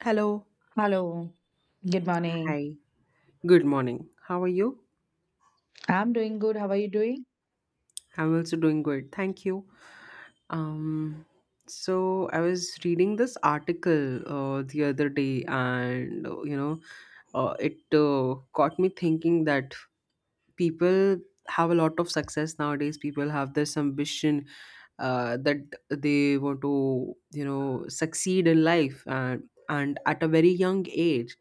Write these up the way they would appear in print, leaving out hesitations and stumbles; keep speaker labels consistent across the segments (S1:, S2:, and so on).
S1: Hello.
S2: Hello, good morning.
S1: Hi, good morning. How are you?
S2: I'm doing good. How are you doing?
S1: I'm also doing good. Thank you. Um, so I was reading this article the other day, and it got me thinking that people have a lot of success nowadays. People have this ambition that they want to, succeed in life, and at a very young age,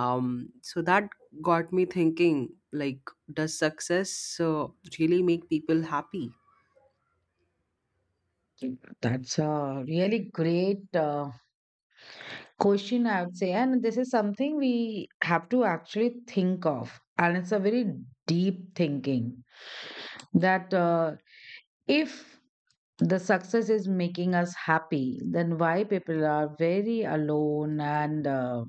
S1: so that got me thinking, like, does success uh, really make people happy?
S2: That's a really great question, I would say. And this is something we have to actually think of. And it's a very deep thinking that if the success is making us happy, then why people are very alone and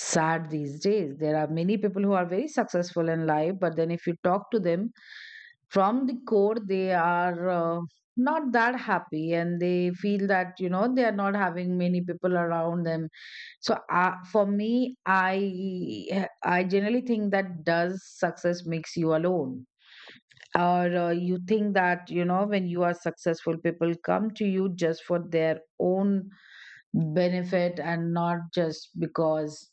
S2: sad these days? There are many people who are very successful in life, but then if you talk to them from the core, they are not that happy, and they feel that, you know, they are not having many people around them. So for me, I generally think that does success makes you alone, or you think that, you know, when you are successful, people come to you just for their own benefit and not just because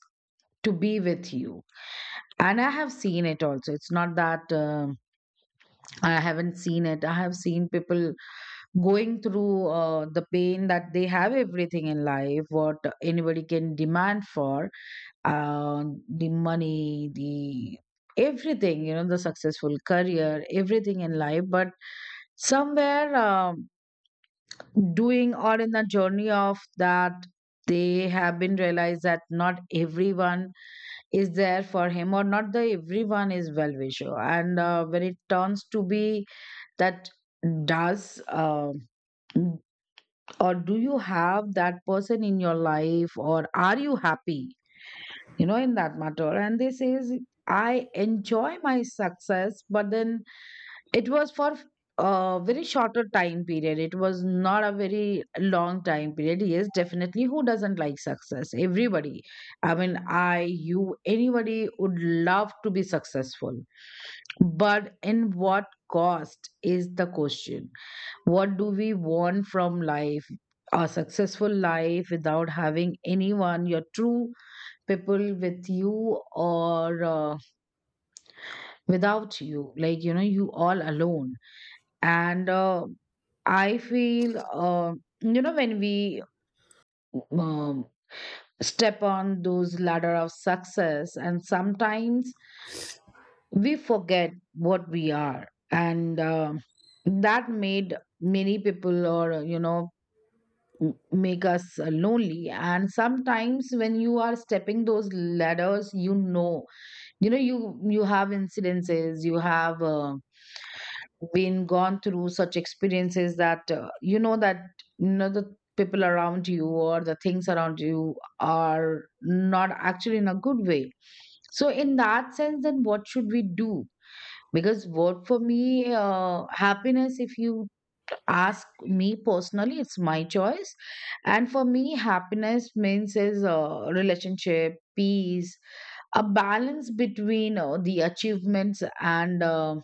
S2: to be with you. And I have seen it also. It's not that I haven't seen it. I have seen people going through the pain that they have everything in life, what anybody can demand for, uh, the money, the everything, you know, the successful career, everything in life. But somewhere doing or in the journey of that, they have been realized that not everyone is there for him, or not the everyone is well wisher. And when it turns to be that does or do you have that person in your life, or are you happy, you know, in that matter? And they says, I enjoy my success, but then it was for a very shorter time period. It was not a very long time period. Yes, definitely, who doesn't like success? Everybody, I mean, I, you, anybody would love to be successful, but in what cost is the question. What do we want from life? A successful life without having anyone, your true people with you, or without you? Like, you know, you all alone. And I feel, you know, when we um, step on those ladder of success, and sometimes we forget what we are, and that made many people, or you know, make us lonely. And sometimes when you are stepping those ladders, you know, you know, you have incidences, you have been gone through such experiences that, you know, that, you know, the people around you or the things around you are not actually in a good way. So in that sense, then what should we do? Because what for me, happiness, if you ask me personally, it's my choice. And for me, happiness means is a relationship, peace, a balance between the achievements and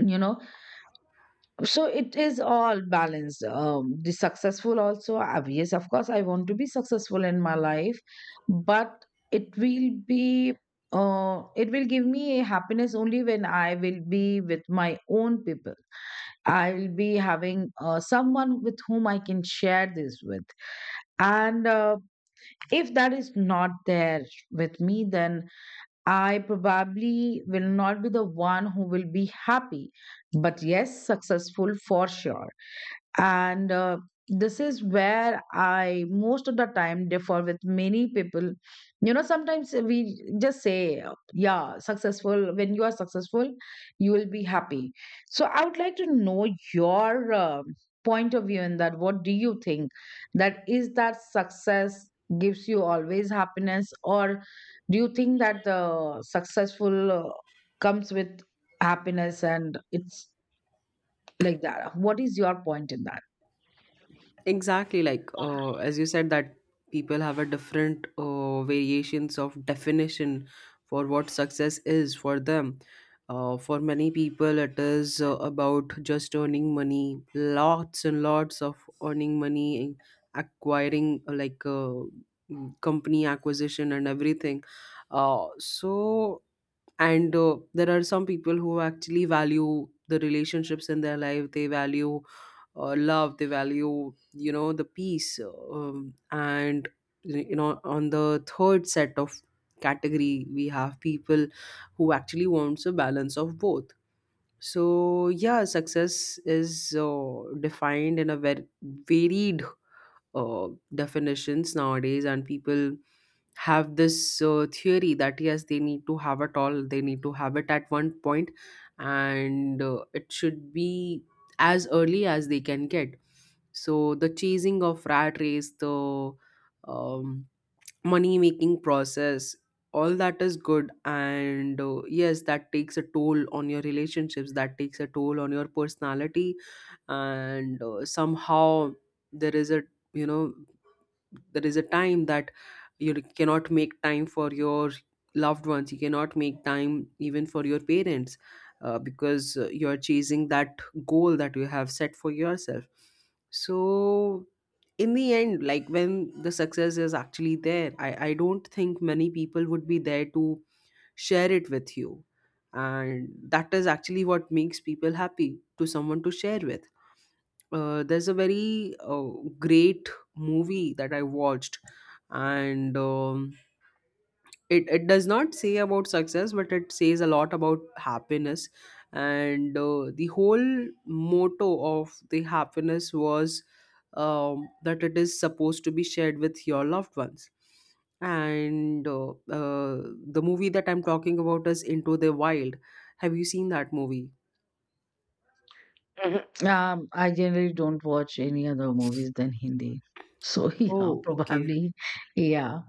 S2: you know, so it is all balanced. The successful also, yes, of course, I want to be successful in my life, but it will be it will give me a happiness only when I will be with my own people. I will be having someone with whom I can share this with. And if that is not there with me, then I probably will not be the one who will be happy. But yes, successful for sure. And this is where I most of the time differ with many people. You know, sometimes we just say, yeah, successful, when you are successful, you will be happy. So I would like to know your point of view in that. What do you think that is that success gives you always happiness, or do you think that the successful comes with happiness and it's like that? What is your point in that?
S1: Exactly, like, as you said, that people have a different variations of definition for what success is for them. For many people, it is about just earning money, lots and lots of earning money, acquiring company acquisition and everything. So and There are some people who actually value the relationships in their life. They value love, they value, the peace, and, on the third set of category, we have people who actually wants a balance of both. So, yeah, success is defined in a very varied uh, definitions nowadays, and people have this theory that, yes, they need to have it all. They need to have it at one point, and it should be as early as they can get. So the chasing of rat race, the um, money making process, all that is good. And yes, that takes a toll on your relationships, that takes a toll on your personality. And somehow, there is a you know there is a time that you cannot make time for your loved ones, you cannot make time even for your parents, because you're chasing that goal that you have set for yourself. So, in the end, like, when the success is actually there, I don't think many people would be there to share it with you, and that is actually what makes people happy, to someone to share with. There's a very great movie that I watched, and it does not say about success, but it says a lot about happiness. And the whole motto of the happiness was, that it is supposed to be shared with your loved ones. And the movie that I'm talking about is Into the Wild. Have you seen that movie?
S2: Mhm. I generally don't watch any other movies than Hindi. So yeah,
S1: Oh, okay.
S2: probably, yeah,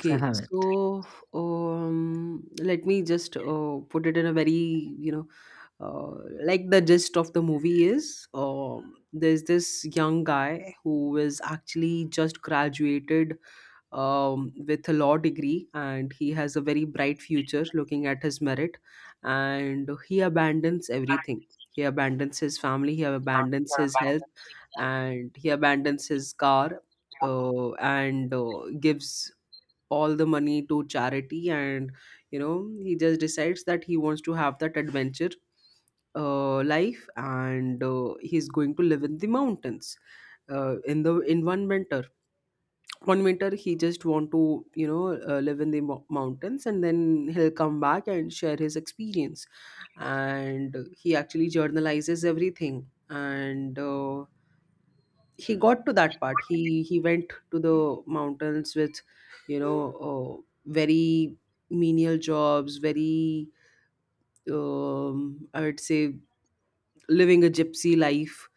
S2: so I haven't.
S1: so, let me just put it in a very, you know, like, the gist of the movie is, there's this young guy who is actually just graduated, with a law degree, and he has a very bright future looking at his merit, and he abandons everything. He abandons his family, he
S2: Ah,
S1: abandons his health, and he abandons his car, and gives all the money to charity. And he just decides that he wants to have that adventure life, and he's going to live in the mountains in one winter. He just want to, live in the mountains, and then he'll come back and share his experience. And he actually journalizes everything. And he got to that part, he went to the mountains with, you know uh, very menial jobs, very, I would say, living a gypsy life,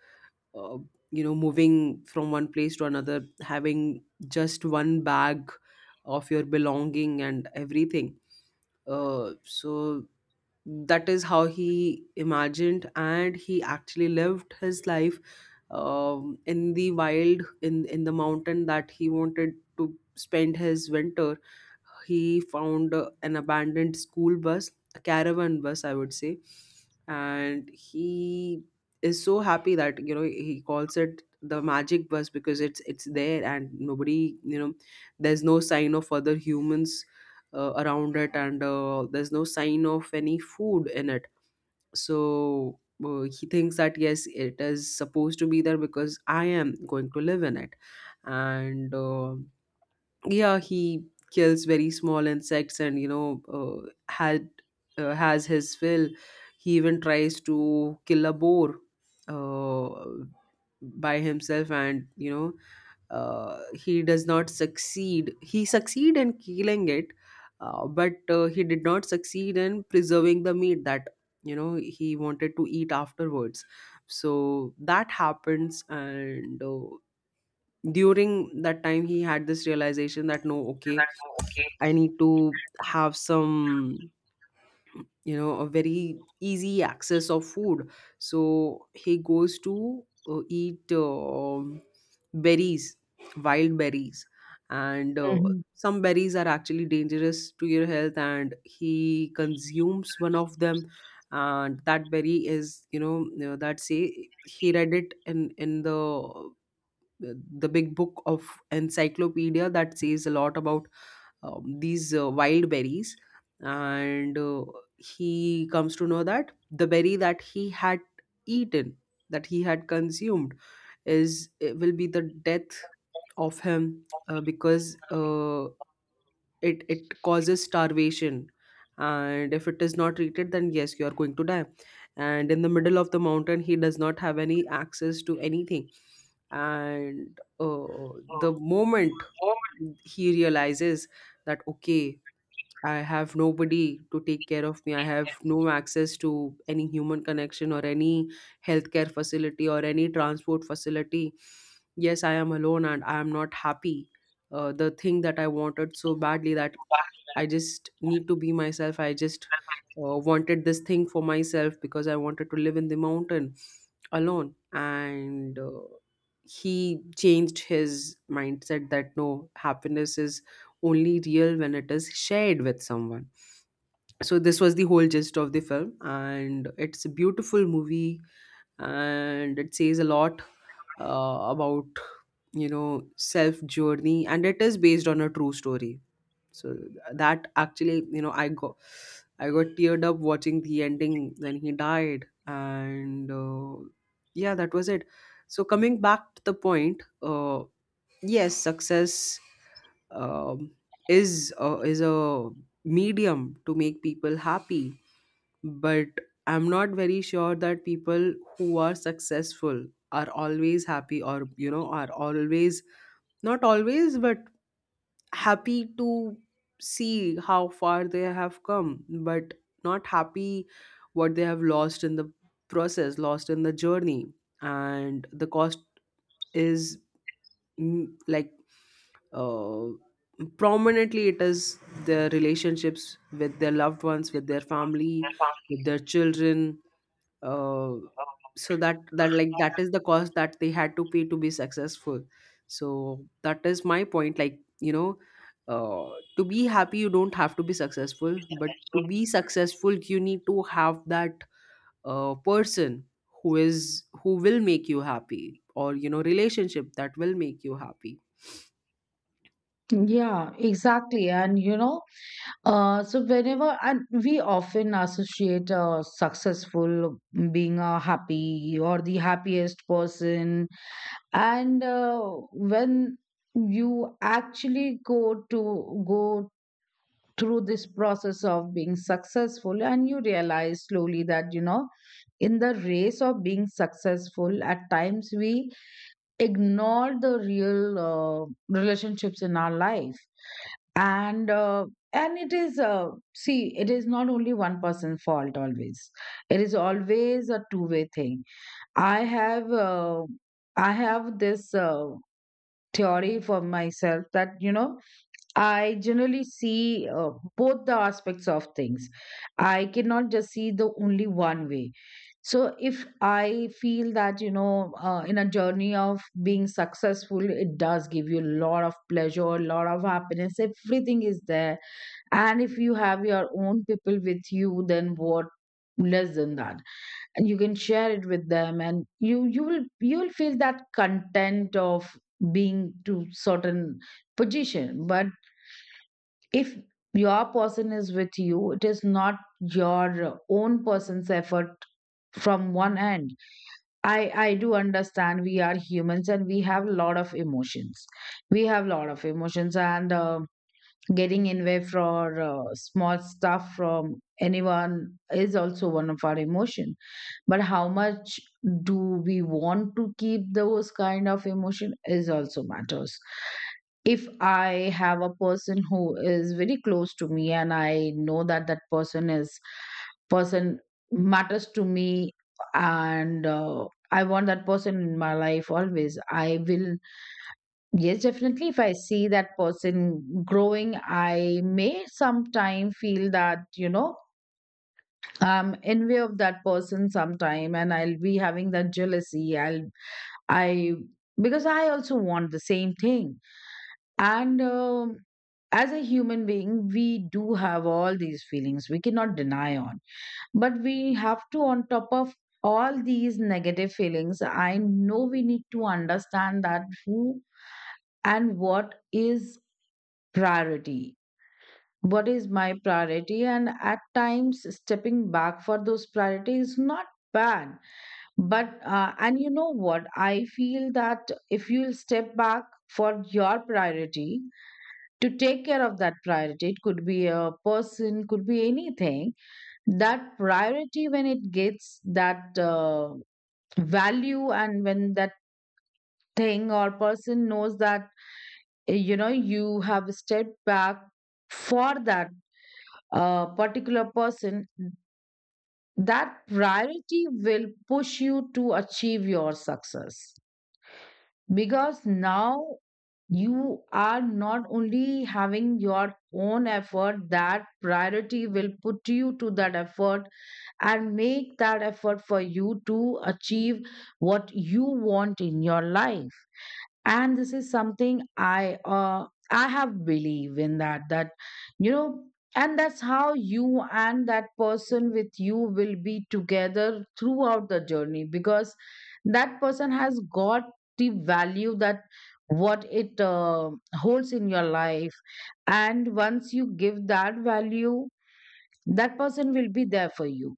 S1: uh, moving from one place to another, having just one bag of your belonging and everything. So that is how he imagined, and he actually lived his life, in the wild, in the mountain that he wanted to spend his winter. He found an abandoned school bus, a caravan bus, I would say, and he is so happy that, he calls it the magic bus, because it's there, and nobody, there's no sign of other humans around it, and there's no sign of any food in it. So he thinks that, yes, it is supposed to be there because I am going to live in it. And yeah, he kills very small insects, and you know had has his fill. He even tries to kill a boar uh, by himself, and, he does not succeed— he succeed in killing it, but he did not succeed in preserving the meat that, he wanted to eat afterwards. So that happens. And during that time, he had this realization that, no, okay,
S2: okay.
S1: I need to have some, a very easy access of food. So he goes to eat, berries, wild berries. And
S2: Mhm.
S1: some berries are actually dangerous to your health, and he consumes one of them. And that berry is— that say, he read it in the big book of encyclopedia that says a lot about, these wild berries. And he comes to know that the berry that he had eaten, that he had consumed, is— it will be the death of him, because it causes starvation, and if it is not treated, then, yes, you are going to die. And in the middle of the mountain, he does not have any access to anything. And the moment he realizes that, okay, I have nobody to take care of me. I have no access to any human connection or any healthcare facility or any transport facility. Yes, I am alone, and I am not happy. The thing that I wanted so badly, that I just need to be myself. I just wanted this thing for myself because I wanted to live in the mountain alone. And he changed his mindset that, no, happiness is only real when it is shared with someone. So, this was the whole gist of the film. And it's a beautiful movie, and it says a lot about, you know, self journey. And it is based on a true story. So that actually, you know, I got teared up watching the ending when he died. And yeah, that was it. So, coming back to the point, yes, success, um, is a medium to make people happy. But I'm not very sure that people who are successful are always happy, or, you know, are always— not always, but happy to see how far they have come, but not happy what they have lost in the process, lost in the journey. And the cost is, mm, like uh, prominently it is their relationships with their loved ones, with their family, with their children. uh, so that is the cost that they had to pay to be successful. So that is my point, like, uh, to be happy you don't have to be successful, but to be successful you need to have that person, who will make you happy, or, you know, relationship that will make you happy.
S2: Yeah, exactly. And you know, so whenever, and we often associate successful being a happy or the happiest person. And when you actually go to go through this process of being successful, and you realize slowly that, you know, in the race of being successful, at times we ignore the real relationships in our life. And uh, and it is see, it is not only one person's fault always. It is always a two-way thing. I have I have this theory for myself that, you know, I generally see both the aspects of things. I cannot just see the only one way. So if I feel that, you know, in a journey of being successful, it does give you a lot of pleasure, a lot of happiness, everything is there. And if you have your own people with you, then what less than that, and you can share it with them, and you will, you will feel that content of being to certain position. But if your person is with you, it is not your own person's effort from one end. I do understand we are humans and we have a lot of emotions. We have a lot of emotions, and getting in way for small stuff from anyone is also one of our emotions. But how much do we want to keep those kind of emotion is also matters. If I have a person who is very close to me, and I know that that person is person matters to me, and I want that person in my life always, I will, yes, definitely, if I see that person growing, I may sometime feel that, you know, I'm envy of that person sometime, and I'll be having that jealousy. I'll, I, because I also want the same thing. And as a human being, we do have all these feelings. We cannot deny on. But we have to, on top of all these negative feelings, I know, we need to understand that who and what is priority. What is my priority? And at times stepping back for those priorities is not bad. But, and you know what? I feel that if you'll step back for your priority, to take care of that priority, it could be a person, could be anything, that priority, when it gets that value, and when that thing or person knows that, you know, you have stepped back for that particular person, that priority will push you to achieve your success. Because now you are not only having your own effort, that priority will put you to that effort and make that effort for you to achieve what you want in your life. And this is something I, I have believe in that, that, you know, and that's how you and that person with you will be together throughout the journey, because that person has got the value that what it holds in your life. And once you give that value, that person will be there for you.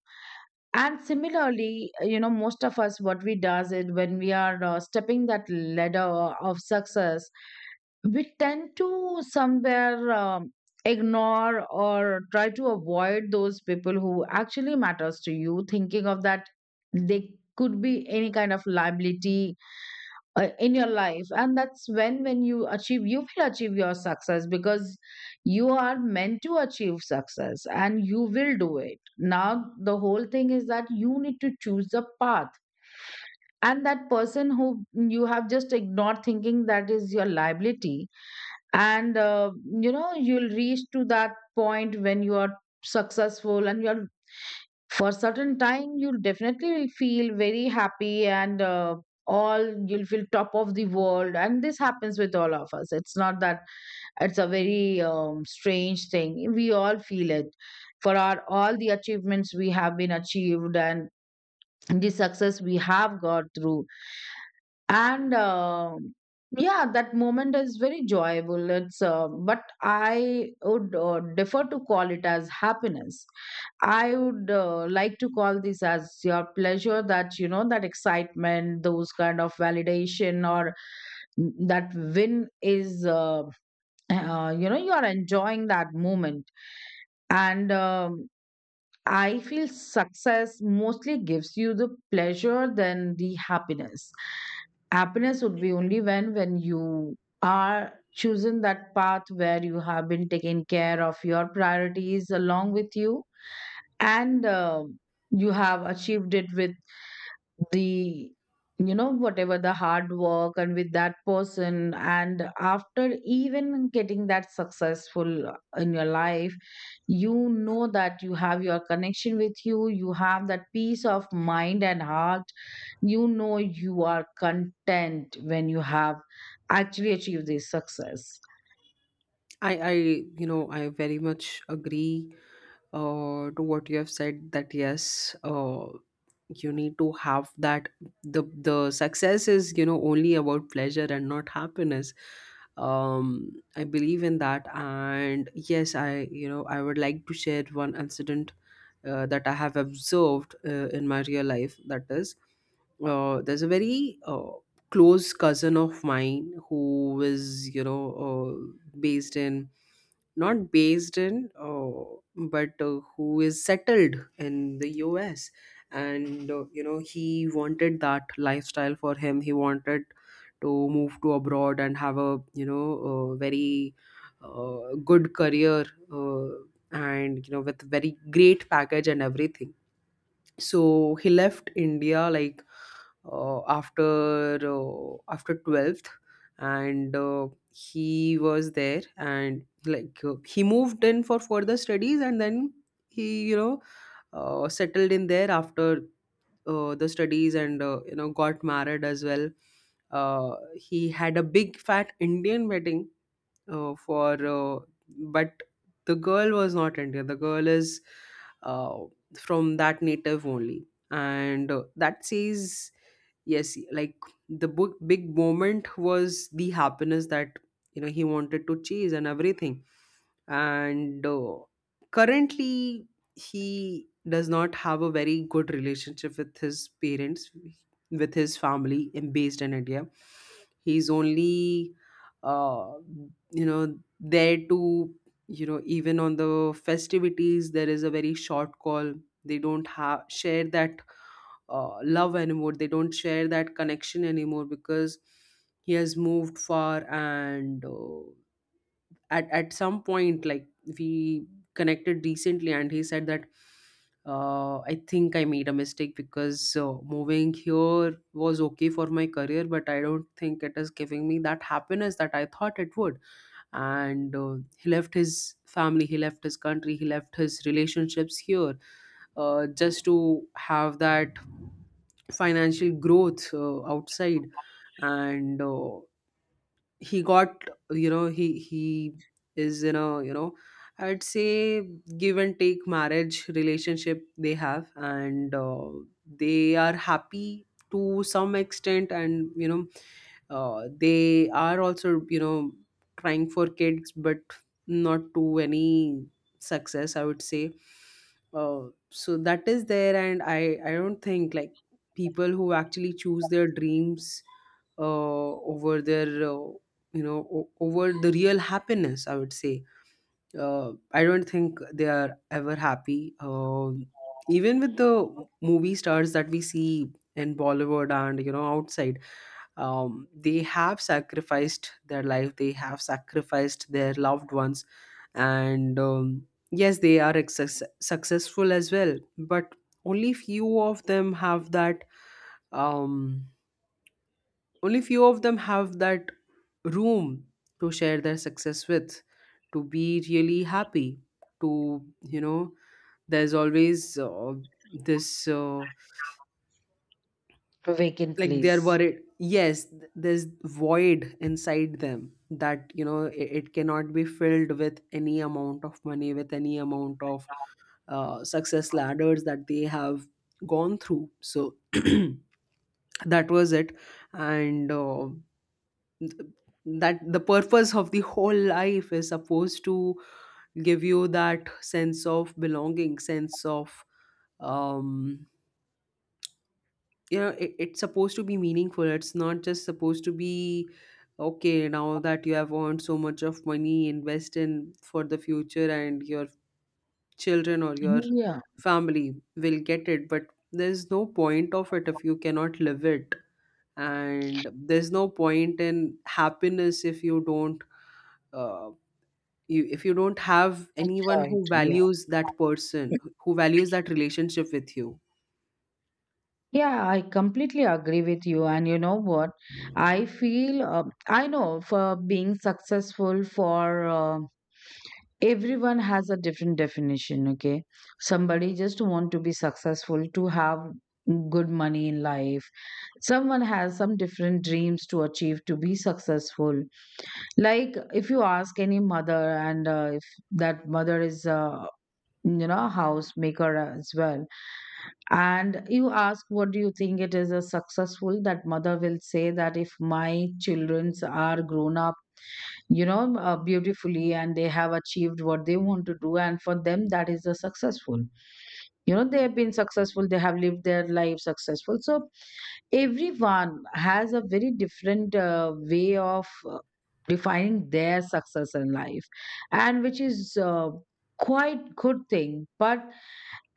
S2: And similarly, you know, most of us what we does is, when we are stepping that ladder of success, we tend to somewhere ignore or try to avoid those people who actually matters to you, thinking of that they could be any kind of liability in your life. And that's when you achieve, you will achieve your success, because you are meant to achieve success and you will do it. Now the whole thing is that you need to choose the path, and that person who you have just ignored thinking that is your liability. And you know, you'll reach to that point when you are successful, and you're, for certain time, you'll definitely will feel very happy. And all, you'll feel top of the world, and this happens with all of us. It's not that, it's a very strange thing, we all feel it for our all the achievements we have been achieved and the success we have got through. And yeah, that moment is very joyful. It's but I would defer to call it as happiness. I would like to call this as your pleasure, that, you know, that excitement, those kind of validation or that win is you know, you are enjoying that moment. And I feel success mostly gives you the pleasure than the happiness. Happiness would be only when you are chosen that path where you have been taken care of your priorities along with you. And you have achieved it with the, you know, whatever the hard work, and with that person. And after even getting that successful in your life, you know that you have your connection with you, you have that peace of mind and heart, you know, you are content when you have actually achieved this success.
S1: I i you know i very much agree to what you have said, that, yes, you need to have that— the the success is, you know, only about pleasure and not happiness. um I believe in that. And, yes, I you know I would like to share one incident that I have observed in my real life. That is, there's a very close cousin of mine who is, based in not based in, but who is settled in the US. And he wanted that lifestyle for him. He wanted to move to abroad and have a, very good career, uh, and, with very great package and everything. So he left India, like, after 12th. And he was there, and, like, he moved in for further studies, and then he, settled in there after the studies, and, got married as well. He had a big fat Indian wedding, for but the girl was not Indian. The girl is uh, from that native only. And that says, yes, like, the book big moment was the happiness that, you know, he wanted to chase and everything. And currently, he does not have a very good relationship with his parents, with his family in— based in India. He's only uh, there to— even on the festivities, there is a very short call. They don't have share that love anymore, they don't share that connection anymore because he has moved far. And at some point, like, we connected recently, and he said that, I think I made a mistake, because moving here was okay for my career, but I don't think it is giving me that happiness that I thought it would. And he left his family, he left his country, he left his relationships here, just to have that financial growth outside. And he got— you know, he is in a, you know, I'd say, give and take marriage relationship they have. And they are happy to some extent, and, they are also, trying for kids, but not to any success, I would say. uh, so that is there, and I don't think, like, people who actually choose their dreams over their, over the real happiness, I would say, I don't think they are ever happy, even with the movie stars that we see in Bollywood and, you know, outside. They have sacrificed their life, they have sacrificed their loved ones. And, yes, they are successful as well, but only few of them have that— um only few of them have that room to share their success with, to be really happy, to, you know there's always this—
S2: Vacant,
S1: like,
S2: please.
S1: they're worried, yes, there's void inside them, that, you know, it cannot be filled with any amount of money, with any amount of success ladders that they have gone through. So that was it. And th- that the purpose of the whole life is supposed to give you that sense of belonging, sense of, um it's supposed to be meaningful. It's not just supposed to be, okay, now that you have earned so much of money, invest in for the future, and your children or your
S2: Yeah.
S1: family will get it, but there's no point of it if you cannot live it. And there's no point in happiness if you don't— uh, you if you don't have anyone
S2: Enjoy
S1: who
S2: it, yeah.
S1: values that person, who values that relationship with you.
S2: Yeah, I completely agree with you. And you know what? I feel, I know for being successful, for everyone has a different definition, okay? Somebody just want to be successful to have good money in life. Someone has some different dreams to achieve to be successful. Like if you ask any mother and if that mother is you know, house maker as well, and you ask what do you think it is a successful, that mother will say that if my childrens are grown up, you know, beautifully, and they have achieved what they want to do, and for them that is a successful, you know, they have been successful, they have lived their life successful. So everyone has a very different way of defining their success in life, and which is quite good thing. But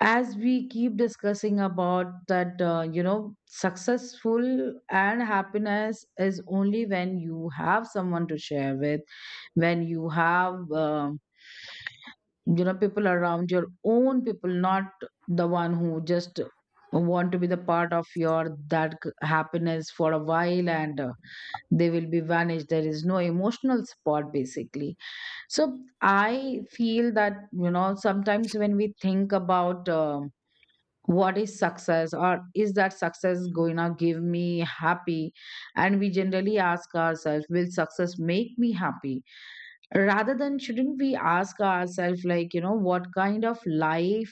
S2: as we keep discussing about that, you know, successful and happiness is only when you have someone to share with, when you have you know, people around, your own people, not the one who just want to be the part of your that happiness for a while, and they will be vanished. There is no emotional support basically. So I feel that, you know, sometimes when we think about, what is success, or is that success going to give me happy, and we generally ask ourselves, will success make me happy, rather than shouldn't we ask ourselves, like, you know, what kind of life,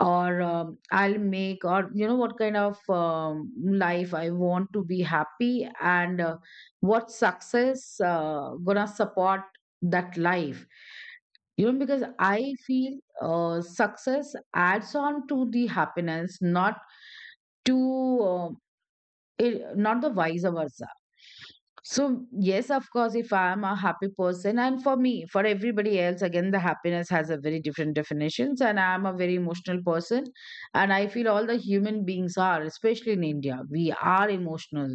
S2: or I'll make, or you know, what kind of life I want to be happy, and what success gonna support that life. You know, because I feel success adds on to the happiness, not to, um, it, not the vice versa. So yes, of course, if I am a happy person, and for me, for everybody else, again, the happiness has a very different definitions, and I am a very emotional person, and I feel all the human beings are, especially in India, we are emotional.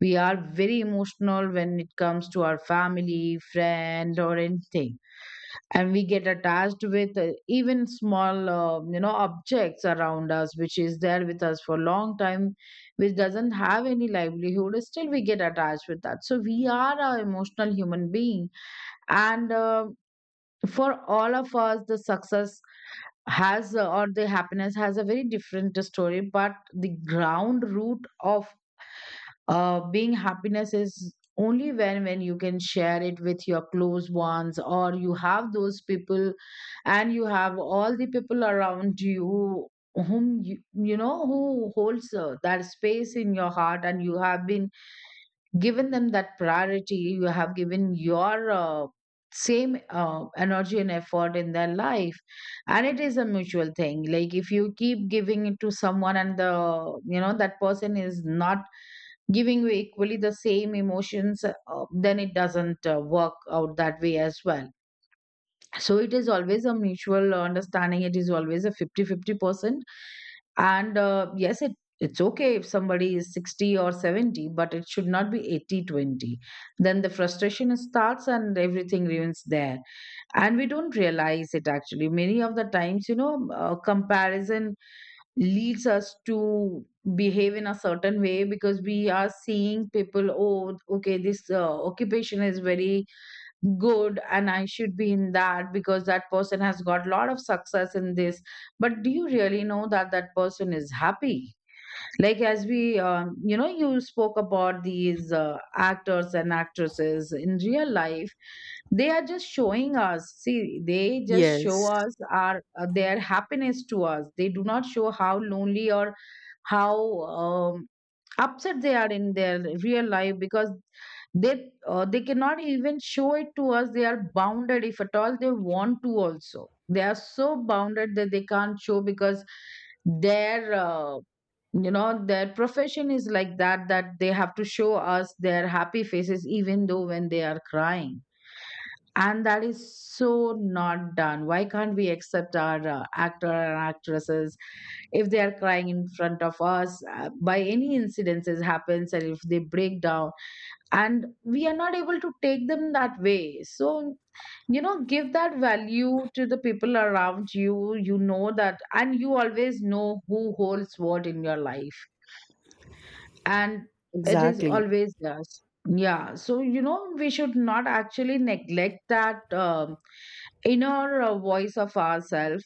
S2: We are very emotional when it comes to our family, friend, or anything, and we get attached with, even small, you know, objects around us, which is there with us for a long time, which doesn't have any livelihood, still we get attached with that. So we are a emotional human being, and for all of us the success has, or the happiness has a very different story, but the ground root of being happiness is only when you can share it with your close ones, or you have those people, and you have all the people around you who, you know, who holds that space in your heart, and you have been given them that priority, you have given your same energy and effort in their life. And it is a mutual thing, like if you keep giving it to someone and the, you know, that person is not giving you equally the same emotions, then it doesn't work out that way as well. So it is always a mutual understanding. It is always a 50-50 percent. And yes, it's okay if somebody is 60 or 70, but it should not be 80-20. Then the frustration starts and everything ruins there. And we don't realize it actually. Many of the times, you know, comparison leads us to behave in a certain way, because we are seeing people, oh okay, this occupation is very good and I should be in that because that person has got a lot of success in this. But do you really know that that person is happy? Like, as we, you know, you spoke about these actors and actresses in real life, they are just showing us, see, they just show
S1: Yes,
S2: us our their happiness to us, they do not show how lonely or how, um, upset they are in their real life, because they cannot even show it to us, they are bounded, if at all they want to also, they are so bounded that they can't show, because their, you know, their profession is like that, that they have to show us their happy faces even though when they are crying. And that is so not done. Why can't we accept our actor and actresses, if they are crying in front of us, by any incidences happens, and if they break down, and we are not able to take them that way. So you know, give that value to the people around you, you know that, and you always know who holds what in your life. And it is
S1: exactly.
S2: always us. Yeah, so you know, we should not actually neglect that, inner voice of ourselves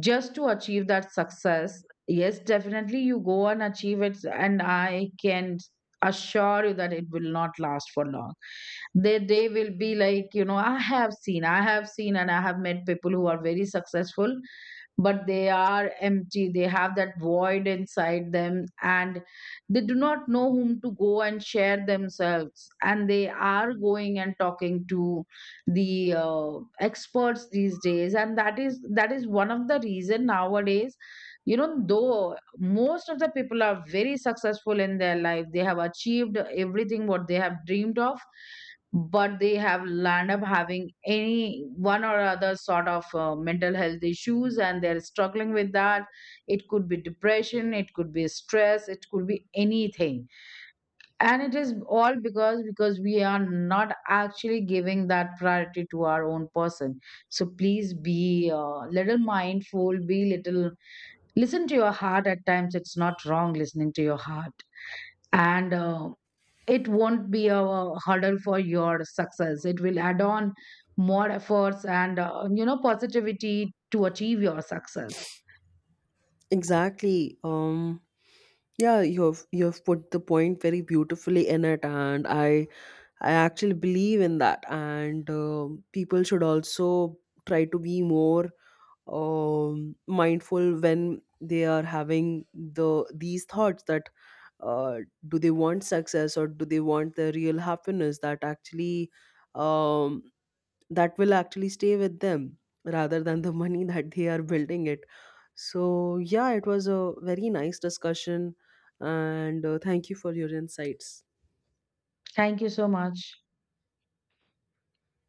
S2: just to achieve that success. Yes, definitely, you go and achieve it, and I can assure you that it will not last for long. They will be like, you know, I have seen and I have met people who are very successful, but they are empty, they have that void inside them, and they do not know whom to go and share themselves, and they are going and talking to the experts these days. And that is one of the reason nowadays, you know, though most of the people are very successful in their life, they have achieved everything what they have dreamed of, but they have land up having any one or other sort of mental health issues and they're struggling with that. It could be depression, it could be stress, it could be anything. And it is all because we are not actually giving that priority to our own person. So please be a little mindful, be little, listen to your heart at times, it's not wrong listening to your heart. And it won't be a hurdle for your success, it will add on more efforts and you know, positivity to achieve your success.
S1: Exactly. Yeah, you've put the point very beautifully in it, and I actually believe in that. And, people should also try to be more, mindful when they are having these thoughts that, uh, do they want success or do they want the real happiness that actually, um, that will actually stay with them, rather than the money that they are building it. So, yeah, it was a very nice discussion. And, thank you for your insights.
S2: Thank you so much.